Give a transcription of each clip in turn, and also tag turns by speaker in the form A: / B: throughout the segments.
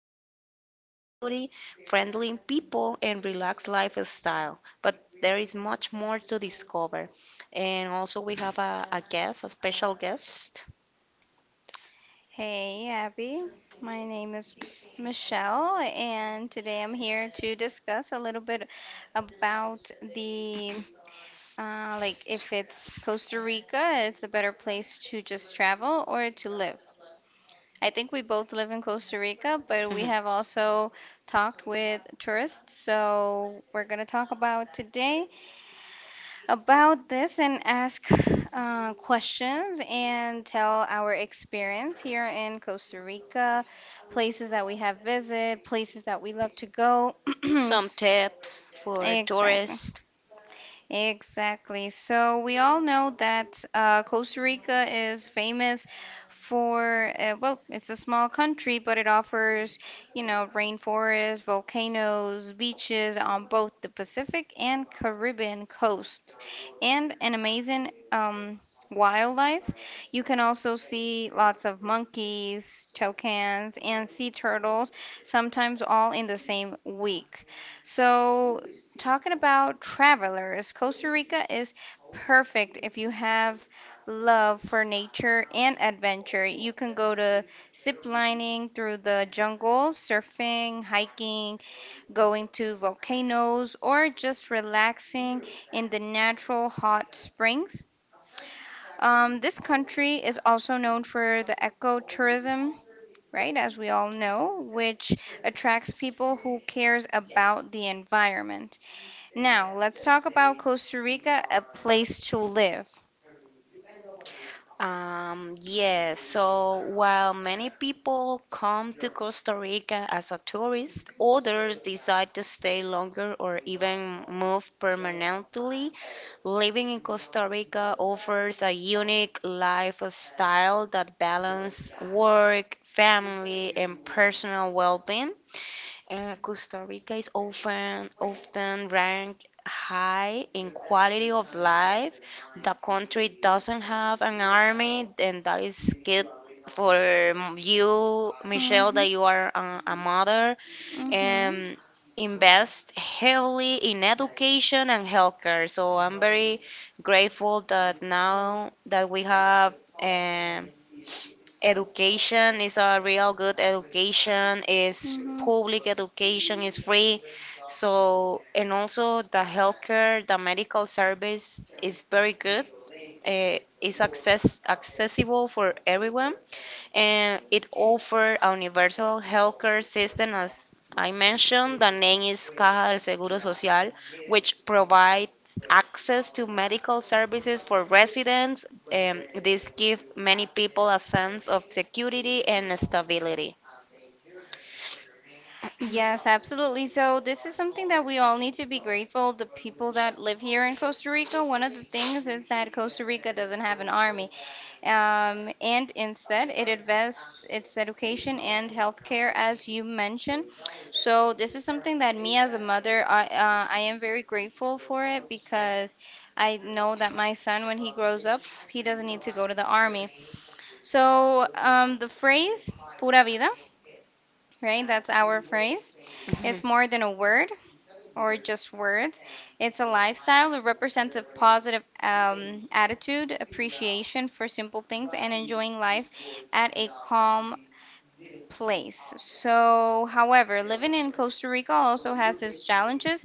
A: natural beauty, friendly people, and relaxed lifestyle. But there is much more to discover. And also, we have a guest, a special guest.
B: Hey, Abby. My name is Michelle, and today I'm here to discuss a little bit about the like if it's Costa Rica, it's a better place to just travel or to live. I think we both live in Costa Rica, but we
A: Mhm.
B: have also talked with tourists, so we're gonna talk about today about this and ask questions and tell our experience here in Costa Rica, places that we have visited, places that we love to go.
A: Some tips for
B: Exactly.
A: tourists.
B: Exactly. So we all know that Costa Rica is famous for, well, it's a small country, but it offers, rainforests, volcanoes, beaches on both the Pacific and Caribbean coasts, and an amazing wildlife. You can also see lots of monkeys, toucans, and sea turtles, sometimes all in the same week. So talking about travelers, Costa Rica is perfect if you have love for nature and adventure. You can go to zip lining through the jungle, surfing, hiking, going to volcanoes, or just relaxing in the natural hot springs. This country is also known for the ecotourism, right, as we all know, which attracts people who cares about the environment. Now, let's talk about Costa Rica, a place to live.
A: Yes, so while many people come to Costa Rica as a tourist, others decide to stay longer or even move permanently. Living in Costa Rica offers a unique lifestyle that balances work, family, and personal well-being. Costa Rica is often ranked high in quality of life. The country doesn't have an army, and that is good for you, Michelle,
B: Hmm.
A: that you are a mother,
B: Hmm.
A: um, invest heavily in education and healthcare. So I'm very grateful that now that we have, um, education is a real good education, is
B: Hmm.
A: public education, is free. So and also the healthcare, the medical service is very good. Is accessible for everyone, and it offers a universal healthcare system. As I mentioned, the name is Caja del Seguro Social, which provides access to medical services for residents. This gives many people a sense of security and stability.
B: Yes, absolutely. So, this is something that we all need to be grateful. The people that live here in Costa Rica, one of the things is that Costa Rica doesn't have an army. And instead, it invests its education and healthcare, as you mentioned. So this is something that me as a mother, I am very grateful for it because I know that my son, when he grows up, he doesn't need to go to the army. So the phrase "pura vida," right? That's our phrase. It's more than a word or just words. It's a lifestyle. It represents a positive attitude, appreciation for simple things, and enjoying life at a calm place. So, however, living in Costa Rica also has its challenges.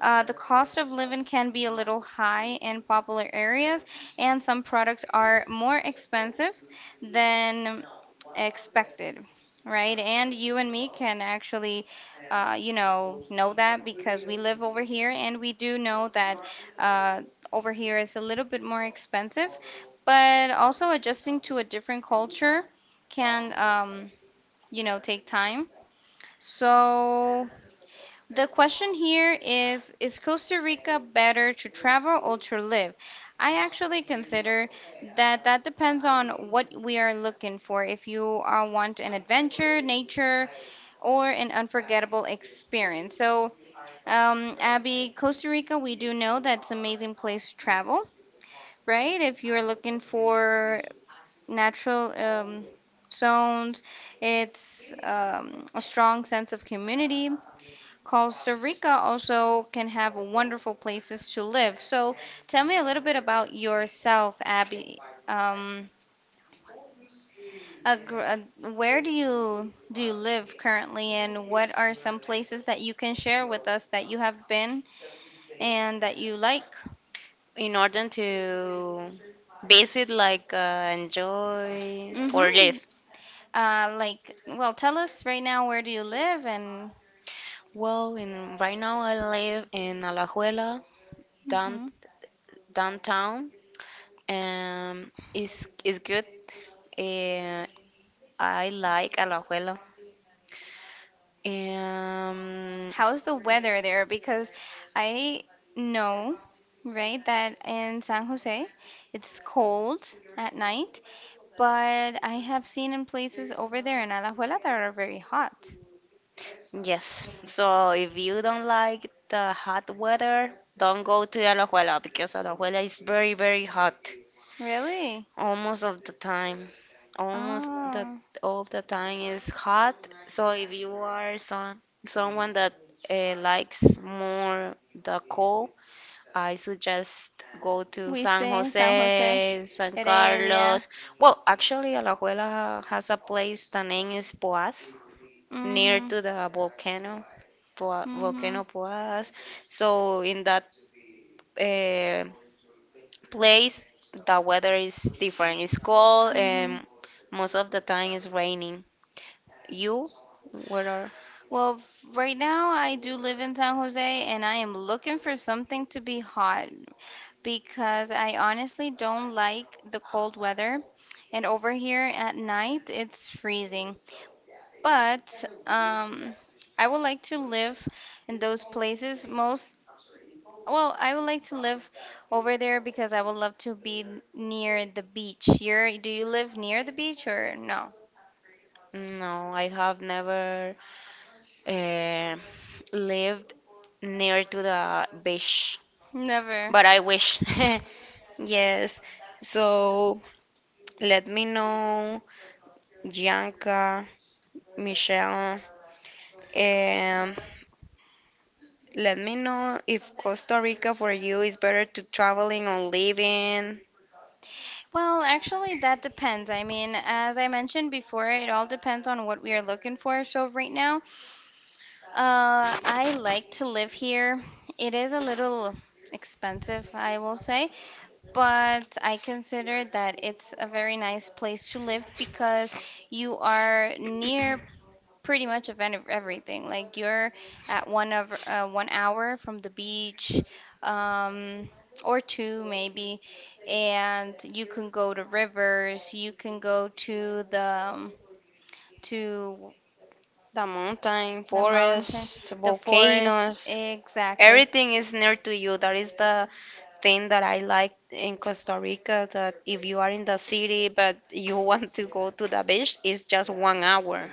B: The cost of living can be a little high in popular areas, and some products are more expensive than expected, right? And you and me can actually, know that because we live over here and we do know that uh, over here is a little bit more expensive, but also adjusting to a different culture can, take time. So the question here is Costa Rica better to travel or to live? I actually consider that that depends on what we are looking for. If you want an adventure, nature, or an unforgettable experience. So, Abby, Costa Rica, we do know that's an amazing place to travel, right? If you're looking for natural zones, it's a strong sense of community, Costa Rica also can have wonderful places to live. So tell me a little bit about yourself, Abby. Um, a gr- uh, where do you live currently, and what are some places that you can share with us that you have been and that you like?
A: In order to visit, like enjoy or
B: Mm-hmm.
A: live.
B: Like, well, tell us right now where do you live and.
A: Well, right now I live in Alajuela, down,
B: Mm-hmm.
A: downtown. Is good. Uh, I like Alajuela. Um,
B: How's the weather there? Because I know, right, that in San Jose it's cold at night, but I have seen in places over there in Alajuela that are very hot.
A: yes. So if you don't like the hot weather, don't go to Alajuela, because Alajuela is very very hot
B: Really?
A: almost of the time. Almost the
B: Oh,
A: All the time is hot. So if you are someone that likes more the cold, I suggest go to
B: we
A: San
B: stay in San Jose,
A: Jose, San
B: Heredia.
A: Carlos. Well, actually, Alajuela has a place. The name is Poás, near
B: Mm-hmm.
A: to the volcano,
B: Mm-hmm.
A: volcano Poás. So in that, uh, place, the weather is different. It's cold,
B: Mm-hmm.
A: and most of the time it's raining. You, where are?
B: Well, right now I do live in San Jose and I am looking for something to be hot because I honestly don't like the cold weather. And over here at night, it's freezing. But I would like to live in those places most. Well, I would like to live over there because I would love to be near the beach. You're, do you live near the beach or no?
A: No, I have never uh, lived near to the beach,
B: Never.
A: but I wish. Yes. So let me know, Bianca, Michelle, um, let me know if Costa Rica for you is better to traveling or living.
B: Well, actually, that depends. I mean, as I mentioned before, it all depends on what we are looking for. So, right now, I like to live here. It is a little expensive, I will say, but I consider that it's a very nice place to live because you are near pretty much of any, everything. Like you're at one of 1 hour from the beach, um, or two maybe, and you can go to rivers. You can go to the um, to
A: The mountain,
B: the mountain,
A: forest,
B: the forest.
A: volcanoes,
B: Exactly,
A: everything is near to you. That is the thing that I like in Costa Rica. That if you are in the city but you want to go to the beach, it's just one hour.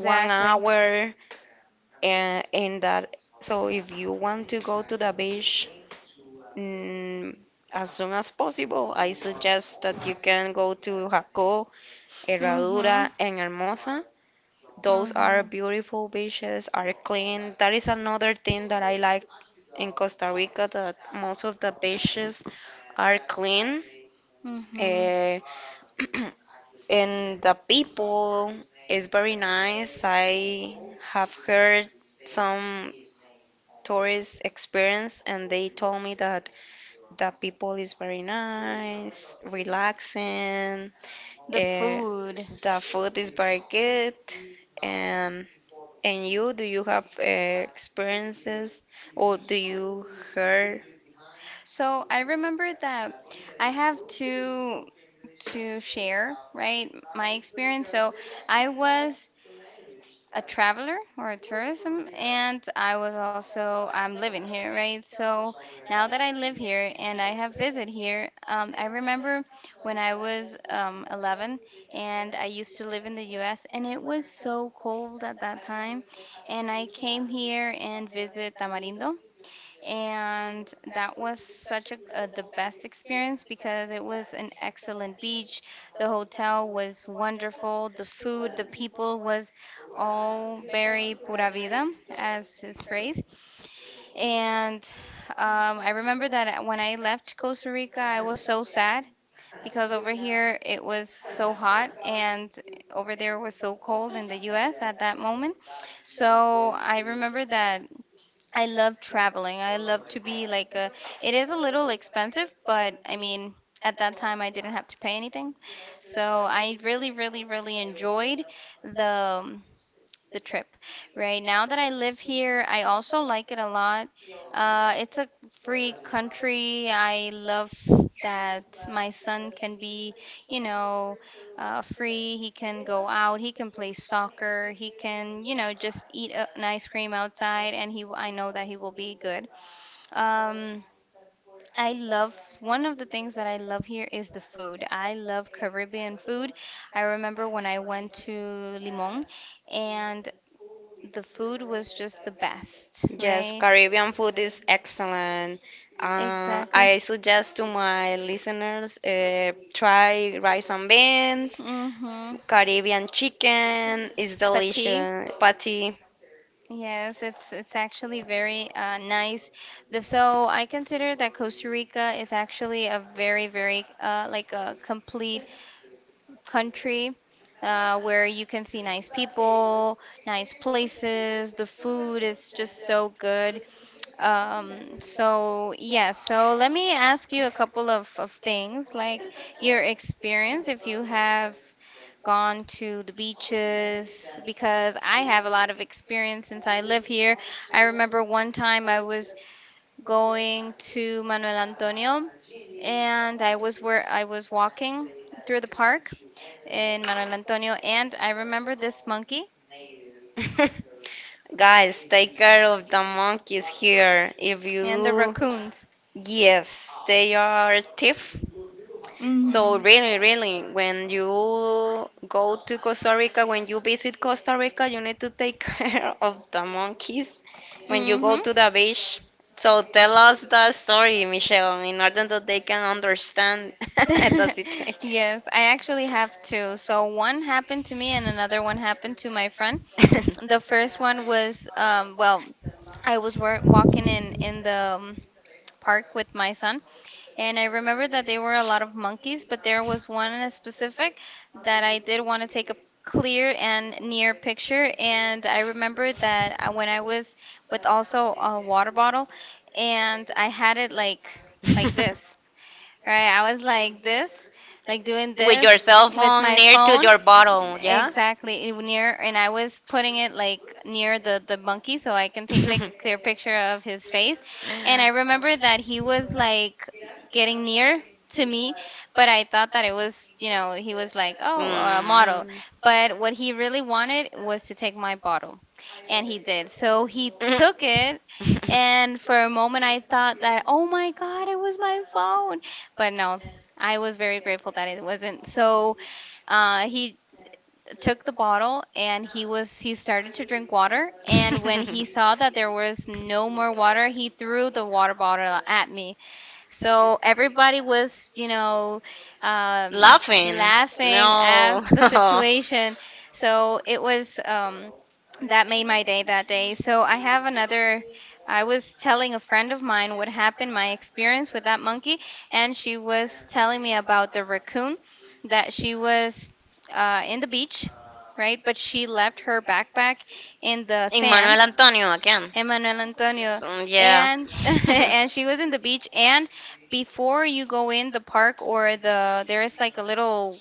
A: One hour, and that, so if you want to go to the beach, mm, as soon as possible, I suggest that you can go to Jaco,
B: Mhm,
A: Herradura, and Hermosa. Those
B: mhm,
A: are beautiful beaches, are clean. That is another thing that I like in Costa Rica, that most of the beaches are clean.
B: mhm.
A: eh, and the people is very nice. I have heard some tourist experience, and they told me that the people is very nice, relaxing.
B: The
A: uh,
B: food.
A: the food is very good. And and you, do you have experiences, or do you hear.
B: So I remember that I have to share, right, my experience. So I was a traveler or a tourism and I was also I'm living here, right? So now that I live here and I have visit here, I remember when I was 11 and I used to live in the US and it was so cold at that time, and I came here and visit Tamarindo, and that was such a the best experience because it was an excellent beach. The hotel was wonderful. The food, the people was all very pura vida, as his phrase. And I remember that when I left Costa Rica, I was so sad because over here it was so hot and over there was so cold in the US at that moment. So I remember that I love traveling. I love to be like a, it is a little expensive, but I mean, at that time I didn't have to pay anything. So I really, really, really enjoyed the um, the trip, right? Now that I live here, I also like it a lot. It's a free country. I love that my son can be, you know, free. He can go out. He can play soccer. He can, you know, just eat a, an ice cream outside, and he. I know that he will be good. Um, I love one of the things that I love here is the food. I love Caribbean food. I remember when I went to Limon and the food was just the best,
A: Yes,
B: right?
A: Caribbean food is excellent.
B: Exactly.
A: I suggest to my listeners, try rice and beans.
B: Mm-hmm.
A: Caribbean chicken is
B: Fatigue.
A: delicious, patty.
B: Yes, it's actually very nice. So I consider that Costa Rica is actually a very very like a complete country where you can see nice people, nice places. The food is just so good. So yeah, so let me ask you a couple of things like your experience if you have gone to the beaches because I have a lot of experience since I live here. I remember one time I was going to Manuel Antonio and I was where I was walking through the park in Manuel Antonio and I remember this monkey
A: Guys, take care of the monkeys here. If
B: and the
A: you,
B: raccoons.
A: yes, they are thief. So
B: Hmm.
A: really, really, when you go to Costa Rica, when you visit Costa Rica, you need to take care of the monkeys when you go
B: Mm-hmm.
A: to the beach. So tell us the story, Michelle, in order that they can understand the situation.
B: Yes, I actually have two. So one happened to me and another one happened to my friend. The first one was well, I was work walking in the park with my son. And I remember that there were a lot of monkeys, but there was one in specific that I did want to take a clear and near picture. And I remember that when I was with also a water bottle, and I had it like this, right? I was like this, like doing
A: with your
B: this
A: cell
B: with
A: phone
B: my
A: near to
B: phone.
A: your bottle, yeah?
B: Exactly, it- near, and I was putting it like near the monkey so I can take like a clear picture of his face. And I remember that he was like getting near to me, but I thought that it was, you know, he was like, oh, a model.
A: mm.
B: But what he really wanted was to take my bottle, and he did. So he took
A: Mhm.
B: it. And for a moment, I thought that, oh my God, it was my phone. But no, I was very grateful that it wasn't. So, he took the bottle and he started to drink water, and when he saw that there was no more water, he threw the water bottle at me. So everybody was, um,
A: Laughing.
B: laughing at
A: No.
B: the situation. So it was that made my day that day. So I have another. I was telling a friend of mine what happened, my experience with that monkey, and she was telling me about the raccoon that she was in the beach, right? But she left her backpack in the sand,
A: Emmanuel Antonio again.
B: Emmanuel Antonio,
A: So, yeah.
B: and and she was in the beach. And before you go in the park or the there is like a little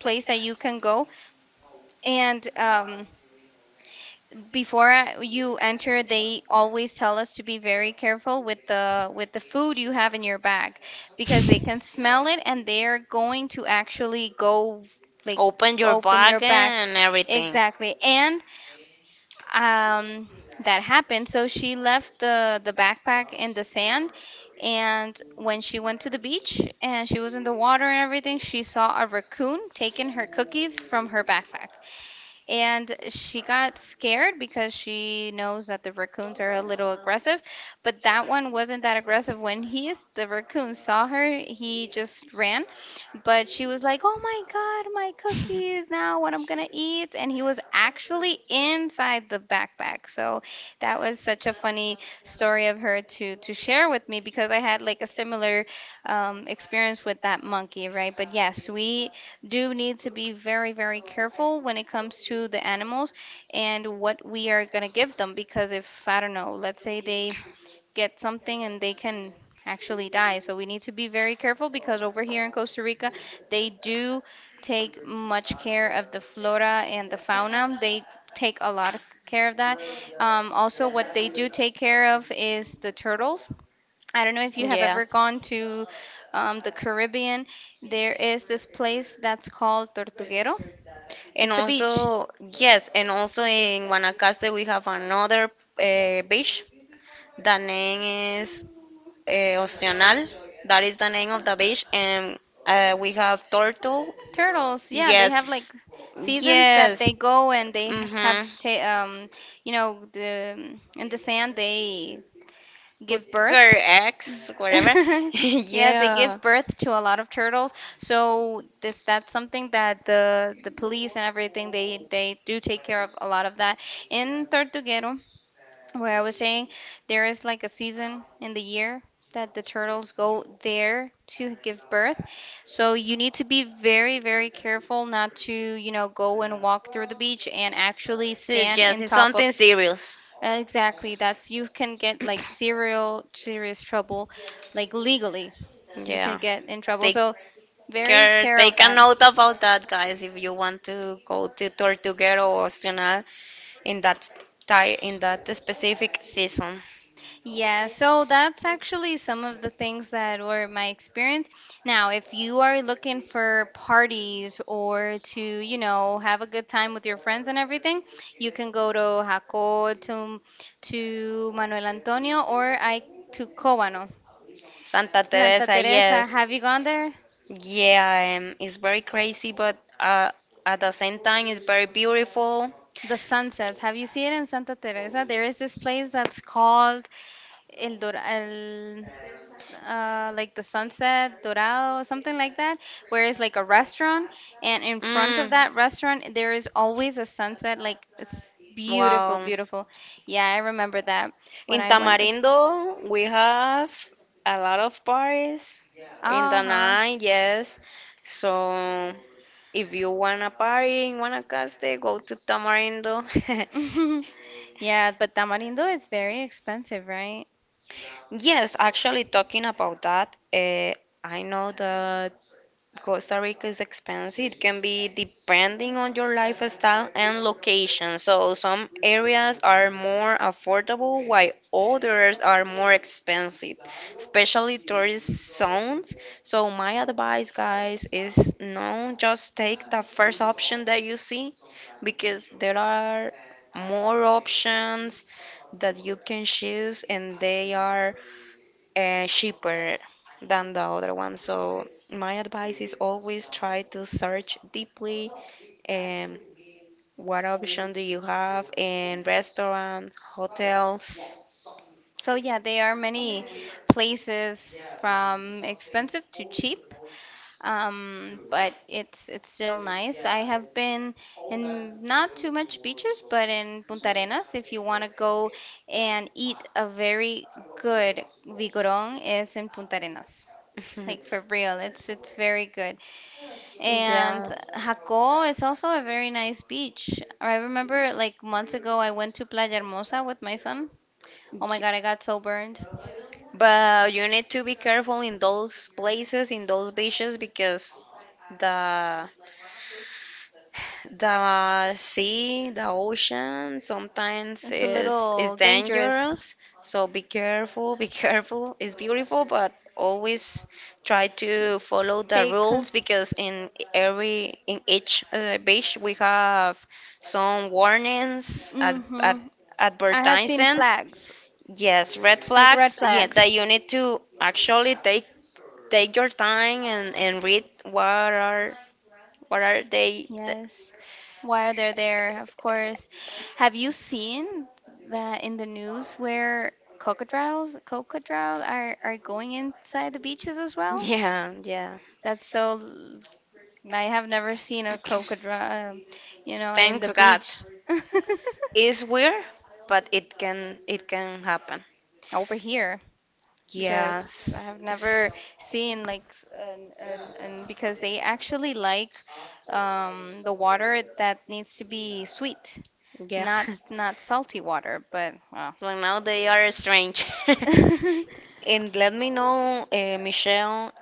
B: place that you can go. And before you enter, they always tell us to be very careful with the food you have in your bag because they can smell it and they are going to actually go like
A: Open your
B: open
A: bag
B: your bag.
A: and everything.
B: Exactly. And um, that happened. So she left the backpack in the sand. And when she went to the beach and she was in the water and everything, she saw a raccoon taking her cookies from her backpack. And she got scared because she knows that the raccoons are a little aggressive, but that one wasn't that aggressive. When he, the raccoon, saw her, he just ran, but she was like, "Oh my God,
A: Oh.
B: my cookies! Now what I'm gonna eat?" And he was actually inside the backpack, so that was such a funny story of her to share with me because I had like a similar experience with that monkey, right? But yes, we do need to be very, very careful when it comes to the animals and what we are going to give them. Because if, I don't know, let's say they get something and they can actually die. So we need to be very careful because over here in Costa Rica, they do take much care of the flora and the fauna. They take a lot of care of that. Also, what they do take care of is the turtles. I don't know if you have
A: Yeah.
B: ever gone to the Caribbean. There is this place that's called Tortuguero.
A: And
B: It's a beach.
A: also, yes, and also in Guanacaste we have another beach. The name is, uh, Ostional. That is the name of the beach. And, we have turtle.
B: Turtles, yeah, they
A: Yes.
B: have like seasons that
A: Yes.
B: they go and they ha-
A: Mm-hmm.
B: have, ta- you know, the in the sand they
A: Put
B: give birth.
A: her ex, whatever.
B: Yeah, they
A: yeah.
B: give birth to a lot of turtles. So this that's something that the police and everything they do take care of a lot of that in Tortuguero. Where I was saying there is like a season in the year that the turtles go there to give birth. So you need to be very, very careful not to, you know, go and walk through the beach and actually
A: So
B: stand
A: yes,
B: in
A: it's
B: top of.
A: something serious.
B: Exactly. That's you can get like serial serious trouble, like legally. You can
A: Yeah.
B: get in trouble.
A: Take
B: So very
A: care.
B: care of
A: Take a
B: that.
A: note about that, guys. If you want to go to Tortuguero or Astronal in that in that specific season,
B: Yeah, so that's actually some of the things that were my experience. Now, if you are looking for parties or to, you know, have a good time with your friends and everything, you can go to Jaco, to Manuel Antonio, or I to Cobano.
A: Santa
B: Santa
A: Teresa.
B: Teresa,
A: Yes.
B: have you gone there?
A: Yeah. It's very crazy, but at the same time, it's very beautiful.
B: The sunsets. Have you seen it in Santa Teresa? There is this place that's called El Dor el like the sunset dorado, something like that, where it's like a restaurant, and in front of
A: Mm.
B: that restaurant there is always a sunset, like it's beautiful,
A: Wow.
B: beautiful. Yeah, I remember that when
A: In
B: I went.
A: Tamarindo, we have a lot of parties in the
B: Uh-huh.
A: night, yes. So if you want a party in Guanacaste, go to Tamarindo.
B: Yeah, but Tamarindo is very expensive, right?
A: Yes, actually, talking about that, I know that Costa Rica is expensive. It can be depending on your lifestyle and location. So some areas are more affordable while others are more expensive, especially tourist zones. So my advice, guys, is no, just take the first option that you see, because there are more options that you can choose and they are cheaper than the other one. So my advice is always try to search deeply, um, what option do you have in restaurants, hotels.
B: So yeah, there are many places from expensive to cheap, but it's still nice. I have been in not too much beaches, but in Punta Arenas, if you want to go and eat a very good vigorón, is in Punta Arenas. Like for real, it's very good. And
A: Yeah,
B: Jaco is also a very nice beach. I remember like months ago I went to Playa Hermosa with my son. Oh my God, I got so burned.
A: but you need to be careful in those places, in those beaches, because the the sea, the ocean sometimes
B: It's a
A: is
B: little dangerous.
A: dangerous, so be careful, be careful. It's beautiful, but always try to follow the
B: Take
A: rules,
B: cons-.
A: because in every in each beach we have some warnings,
B: Hmm. I have seen
A: advertisements.
B: flags,
A: Yes, red
B: like red
A: flags. Yeah,
B: flags.
A: that you need to actually take your time and read are what are they.
B: Yes. Why are they there? Of course. Have you seen that in the news where crocodiles are going inside the beaches as well?
A: Yeah, yeah.
B: That's so. L- I have never seen a crocodile, you know, in the
A: Thanks God.
B: beach.
A: It's weird, but it can happen.
B: Over here. Because I
A: Yes.
B: have never
A: S-
B: seen like and because they actually like the water that needs to be sweet,
A: Yeah.
B: not salty water. But well,
A: Well, now they are strange.
B: uh,
A: And let me know, Michelle,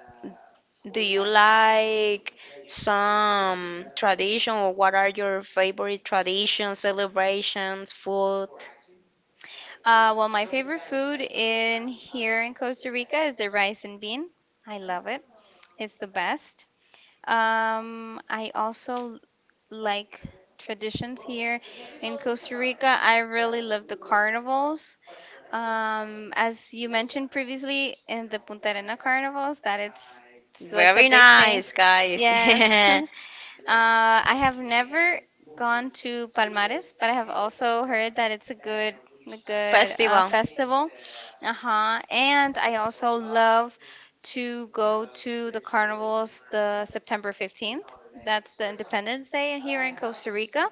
A: do you like some tradition, or what are your favorite traditions, celebrations, food?
B: well, my favorite food in here in Costa Rica is the rice and bean. I love it. It's the best. I also like traditions here in Costa Rica. I really love the carnivals. As you mentioned previously, in the Punta Arena carnivals, that it's such a
A: Very
B: big thing.
A: nice, guys.
B: Yes. I have never gone to Palmares, but I have also heard that it's a good
A: Festival.
B: festival. Uh-huh. And I also love to go to the carnivals the September 15th. That's the Independence Day here in Costa Rica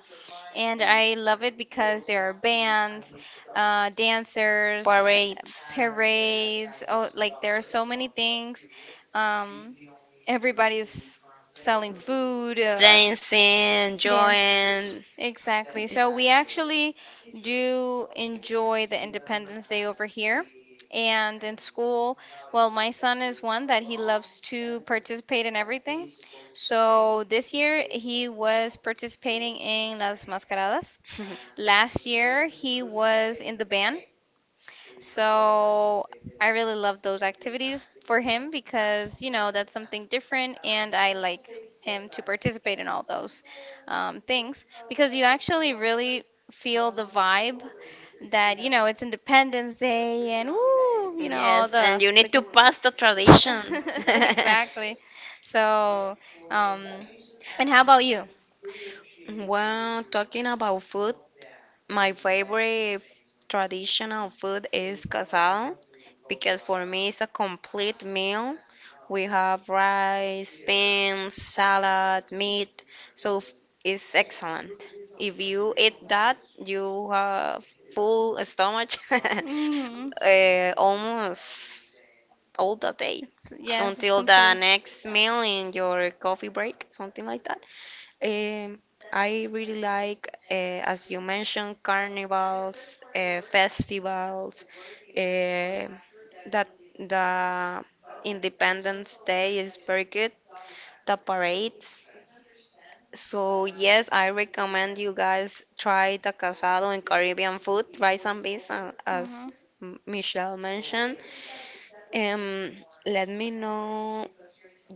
B: and I love it because there are bands, dancers,
A: Parades,
B: parades. Oh, like there are so many things. Um, everybody's selling food.
A: dancing,
B: Dance.
A: joying.
B: Exactly. So we actually do enjoy the Independence Day over here. And in school, well, my son is one that he loves to participate in everything. So this year he was participating in Las Mascaradas. Last year, he was in the band. So I really love those activities for him because, you know, that's something different and I like him to participate in all those things because you actually really feel the vibe that, you know, it's Independence Day and woo, you know, all
A: yes, and you need
B: the
A: to
B: g-.
A: pass the tradition.
B: Exactly. So, um, and how about you?
A: well, talking about food, my favorite traditional food is casal, because for me it's a complete meal. We have rice, beans, salad, meat, so it's excellent. If you eat that, you have full stomach,
B: Hmm.
A: almost all the day,
B: Yes, it's
A: until the
B: complete.
A: next meal in your coffee break, something like that. Um, I really like, as you mentioned, carnivals, festivals, uh, that the Independence Day is very good. The parades, so yes, I recommend you guys try the casado and Caribbean food. Rice and beans, as
B: Mhm.
A: Michelle mentioned. Um, Let me know,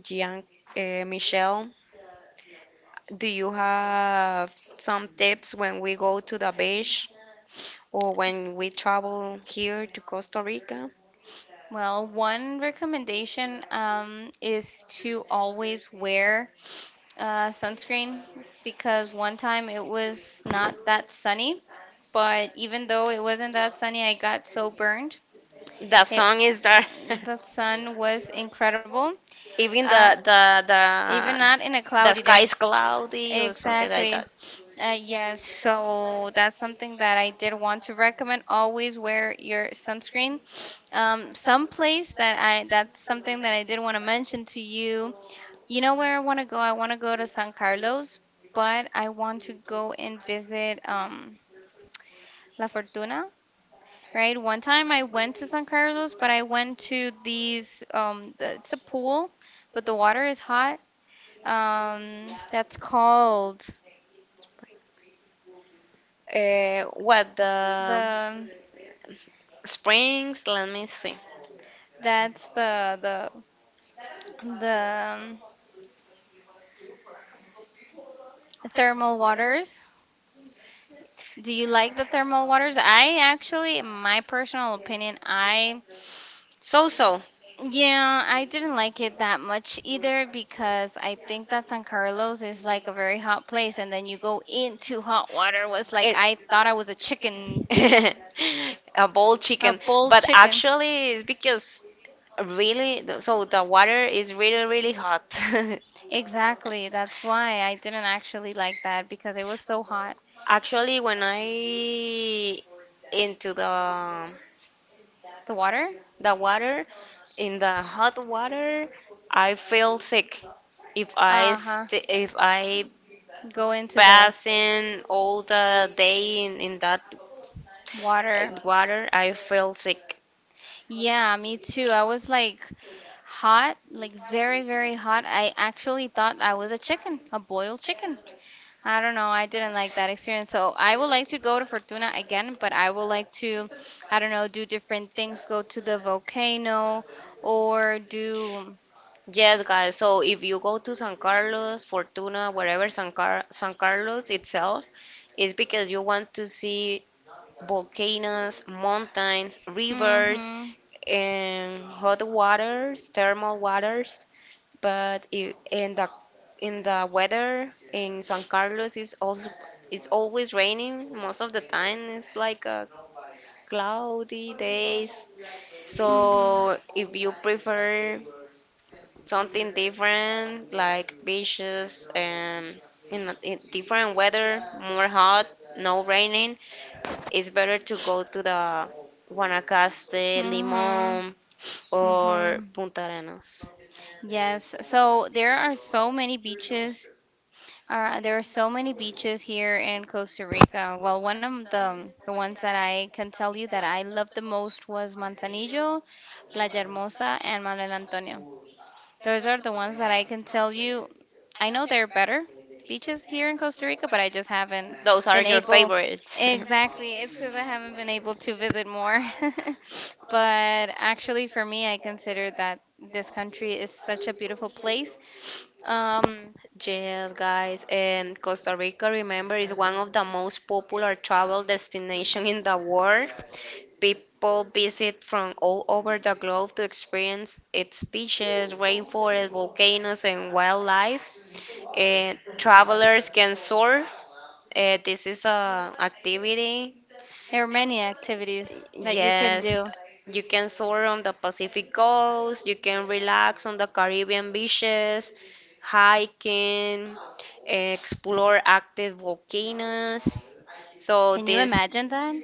A: Gian, Michelle, do you have some tips when we go to the beach or when we travel here to Costa Rica?
B: Well, one recommendation is to always wear sunscreen because one time it was not that sunny, but even though it wasn't that sunny, I got so burned.
A: The
B: It,
A: song is there.
B: the sun was incredible,
A: Even the
B: uh,
A: the
B: even not in a
A: the the
B: cloudy
A: sky
B: day.
A: is cloudy or something like
B: Exactly.
A: that.
B: Yes, so that's something that I did want to recommend. Always wear your sunscreen. Some place that's something that I did want to mention to you. You know where I want to go? I want to go to San Carlos, but I want to go and visit La Fortuna. Right? One time I went to San Carlos, but I went to these it's a pool, but the water is hot. That's called
A: What the
B: the
A: Springs, let me see.
B: that's the The um, thermal waters. Do you like the thermal waters? I actually, in my personal opinion, I
A: So.
B: yeah, I didn't like it that much either because I think that San Carlos is like a very hot place, and then you go into hot water was like
A: It-
B: I thought I was a chicken,
A: a boiled
B: a
A: chicken,
B: bull
A: but
B: chicken.
A: actually it's because really, so the water is really really hot.
B: Exactly. That's why I didn't actually like that because it was so hot.
A: Actually, when I into the
B: The water?
A: the water, in the hot water, I feel sick. If I
B: Uh-huh.
A: st if I
B: Go into the
A: passing all the day in that
B: water.
A: water, I feel sick.
B: Yeah, me too. I was like hot, like very, very hot. I actually thought I was a chicken, a boiled chicken. I don't know. I didn't like that experience. So I would like to go to Fortuna again, but I would like to, I don't know, do different things, go to the volcano or do.
A: Yes, guys. So if you go to San Carlos, Fortuna, wherever, San Carlos itself, it's because you want to see volcanoes, mountains, rivers,
B: Mm-hmm.
A: and hot waters, thermal waters. But in the weather in San Carlos is also, it's always raining most of the time. It's like a cloudy days.
B: Mm-hmm.
A: So if you prefer something different, like beaches, and in different weather, more hot, no raining, it's better to go to the Guanacaste,
B: Mm-hmm.
A: Limón, or
B: Mm-hmm.
A: Punta Arenas.
B: Yes, so there are so many beaches. There are so many beaches here in Costa Rica. Well, one of the ones that I can tell you that I loved the most was Manzanillo, Playa Hermosa, and Manuel Antonio. Those are the ones that I can tell you. I know they're better, beaches here in Costa Rica, but I just haven't
A: Those are
B: been
A: your
B: able.
A: favorites.
B: Exactly. It's because I haven't been able to visit more. But actually, for me, I consider that this country is such a beautiful place. Um,
A: Yes, guys, and Costa Rica, remember, is one of the most popular travel destinations in the world. People visit from all over the globe to experience its beaches, rainforests, volcanoes, and wildlife. And travelers can surf. This is a activity.
B: there are many activities that you can
A: Yes,
B: do.
A: you can soar on the Pacific coast, you can relax on the Caribbean beaches, hiking, explore active volcanoes. So
B: Can you
A: this,
B: imagine that?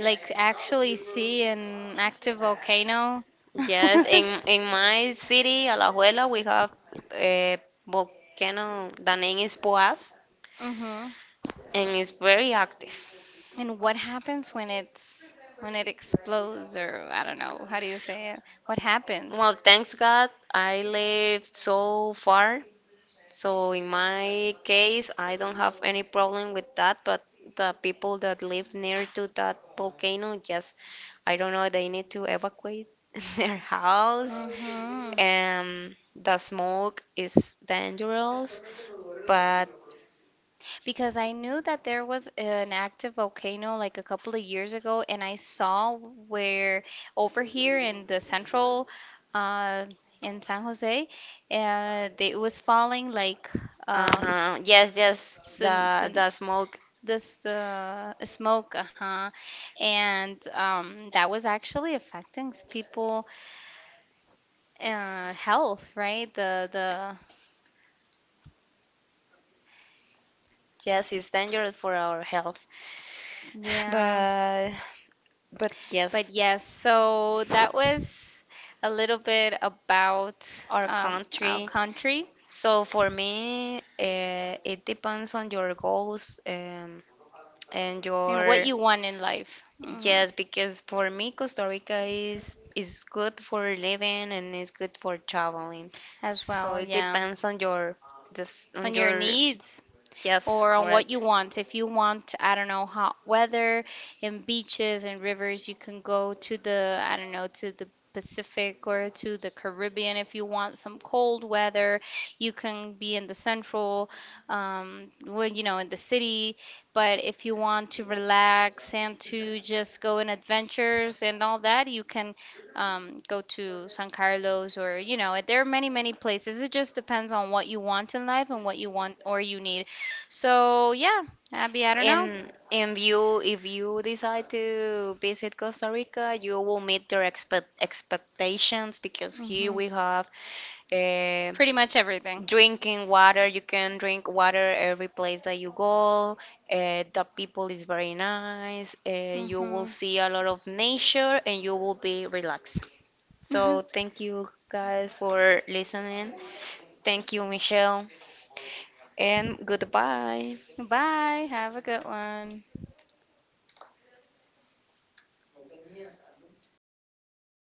B: Like actually see an active volcano?
A: yes, in my city, Alajuela, we have a volcano. The name is Poás,
B: Hmm.
A: and it's very active.
B: And what happens when it's when it explodes or I don't know, how do you say it? What happens?
A: Well, thanks God, I live so far. So in my case, I don't have any problem with that, but the people that live near to that volcano, yes, I don't know, they need to evacuate their house.
B: Mhm.
A: The smoke is dangerous, but
B: Because I knew that there was an active volcano like a couple of years ago, and I saw where over here in the central, uh, in San Jose, they- it was falling like um,
A: yes, yes,
B: sin,
A: the
B: sin,
A: the smoke,
B: this the smoke, uh-huh, and that was actually affecting s- people health, right? The
A: yes, is dangerous for our health.
B: yeah.
A: But but
B: But
A: yes.
B: yes, so that was a little bit about
A: Our
B: our
A: country.
B: country
A: So for me, it depends on your goals, and
B: and what
A: your,
B: you want in life. Hmm.
A: yes, because for me, Costa Rica is good for living and is good for traveling.
B: As
A: So
B: well.
A: it
B: Yeah,
A: depends on your, this on
B: on your
A: your,
B: needs.
A: yes,
B: Or on what you
A: correct.
B: want. If you want, I don't know, hot weather and beaches and rivers, you can go to the, I don't know, to the Pacific or to the Caribbean. If you want some cold weather, you can be in the central, well, you know, in the city. But if you want to relax and to just go on adventures and all that, you can go to San Carlos or, you know, there are many, many places. It just depends on what you want in life and what you want or you need. So yeah, Abby, I don't know.
A: And you, if you decide to visit Costa Rica, you will meet your expectations, because here
B: Hmm.
A: we have uh,
B: Pretty much everything.
A: drinking water, you can drink water every place that you go. The people is very nice, and you will
B: Hmm.
A: see a lot of nature, and you will be relaxed. So thank you guys for listening. Thank you, Michelle, and goodbye.
B: Bye. Have a good one.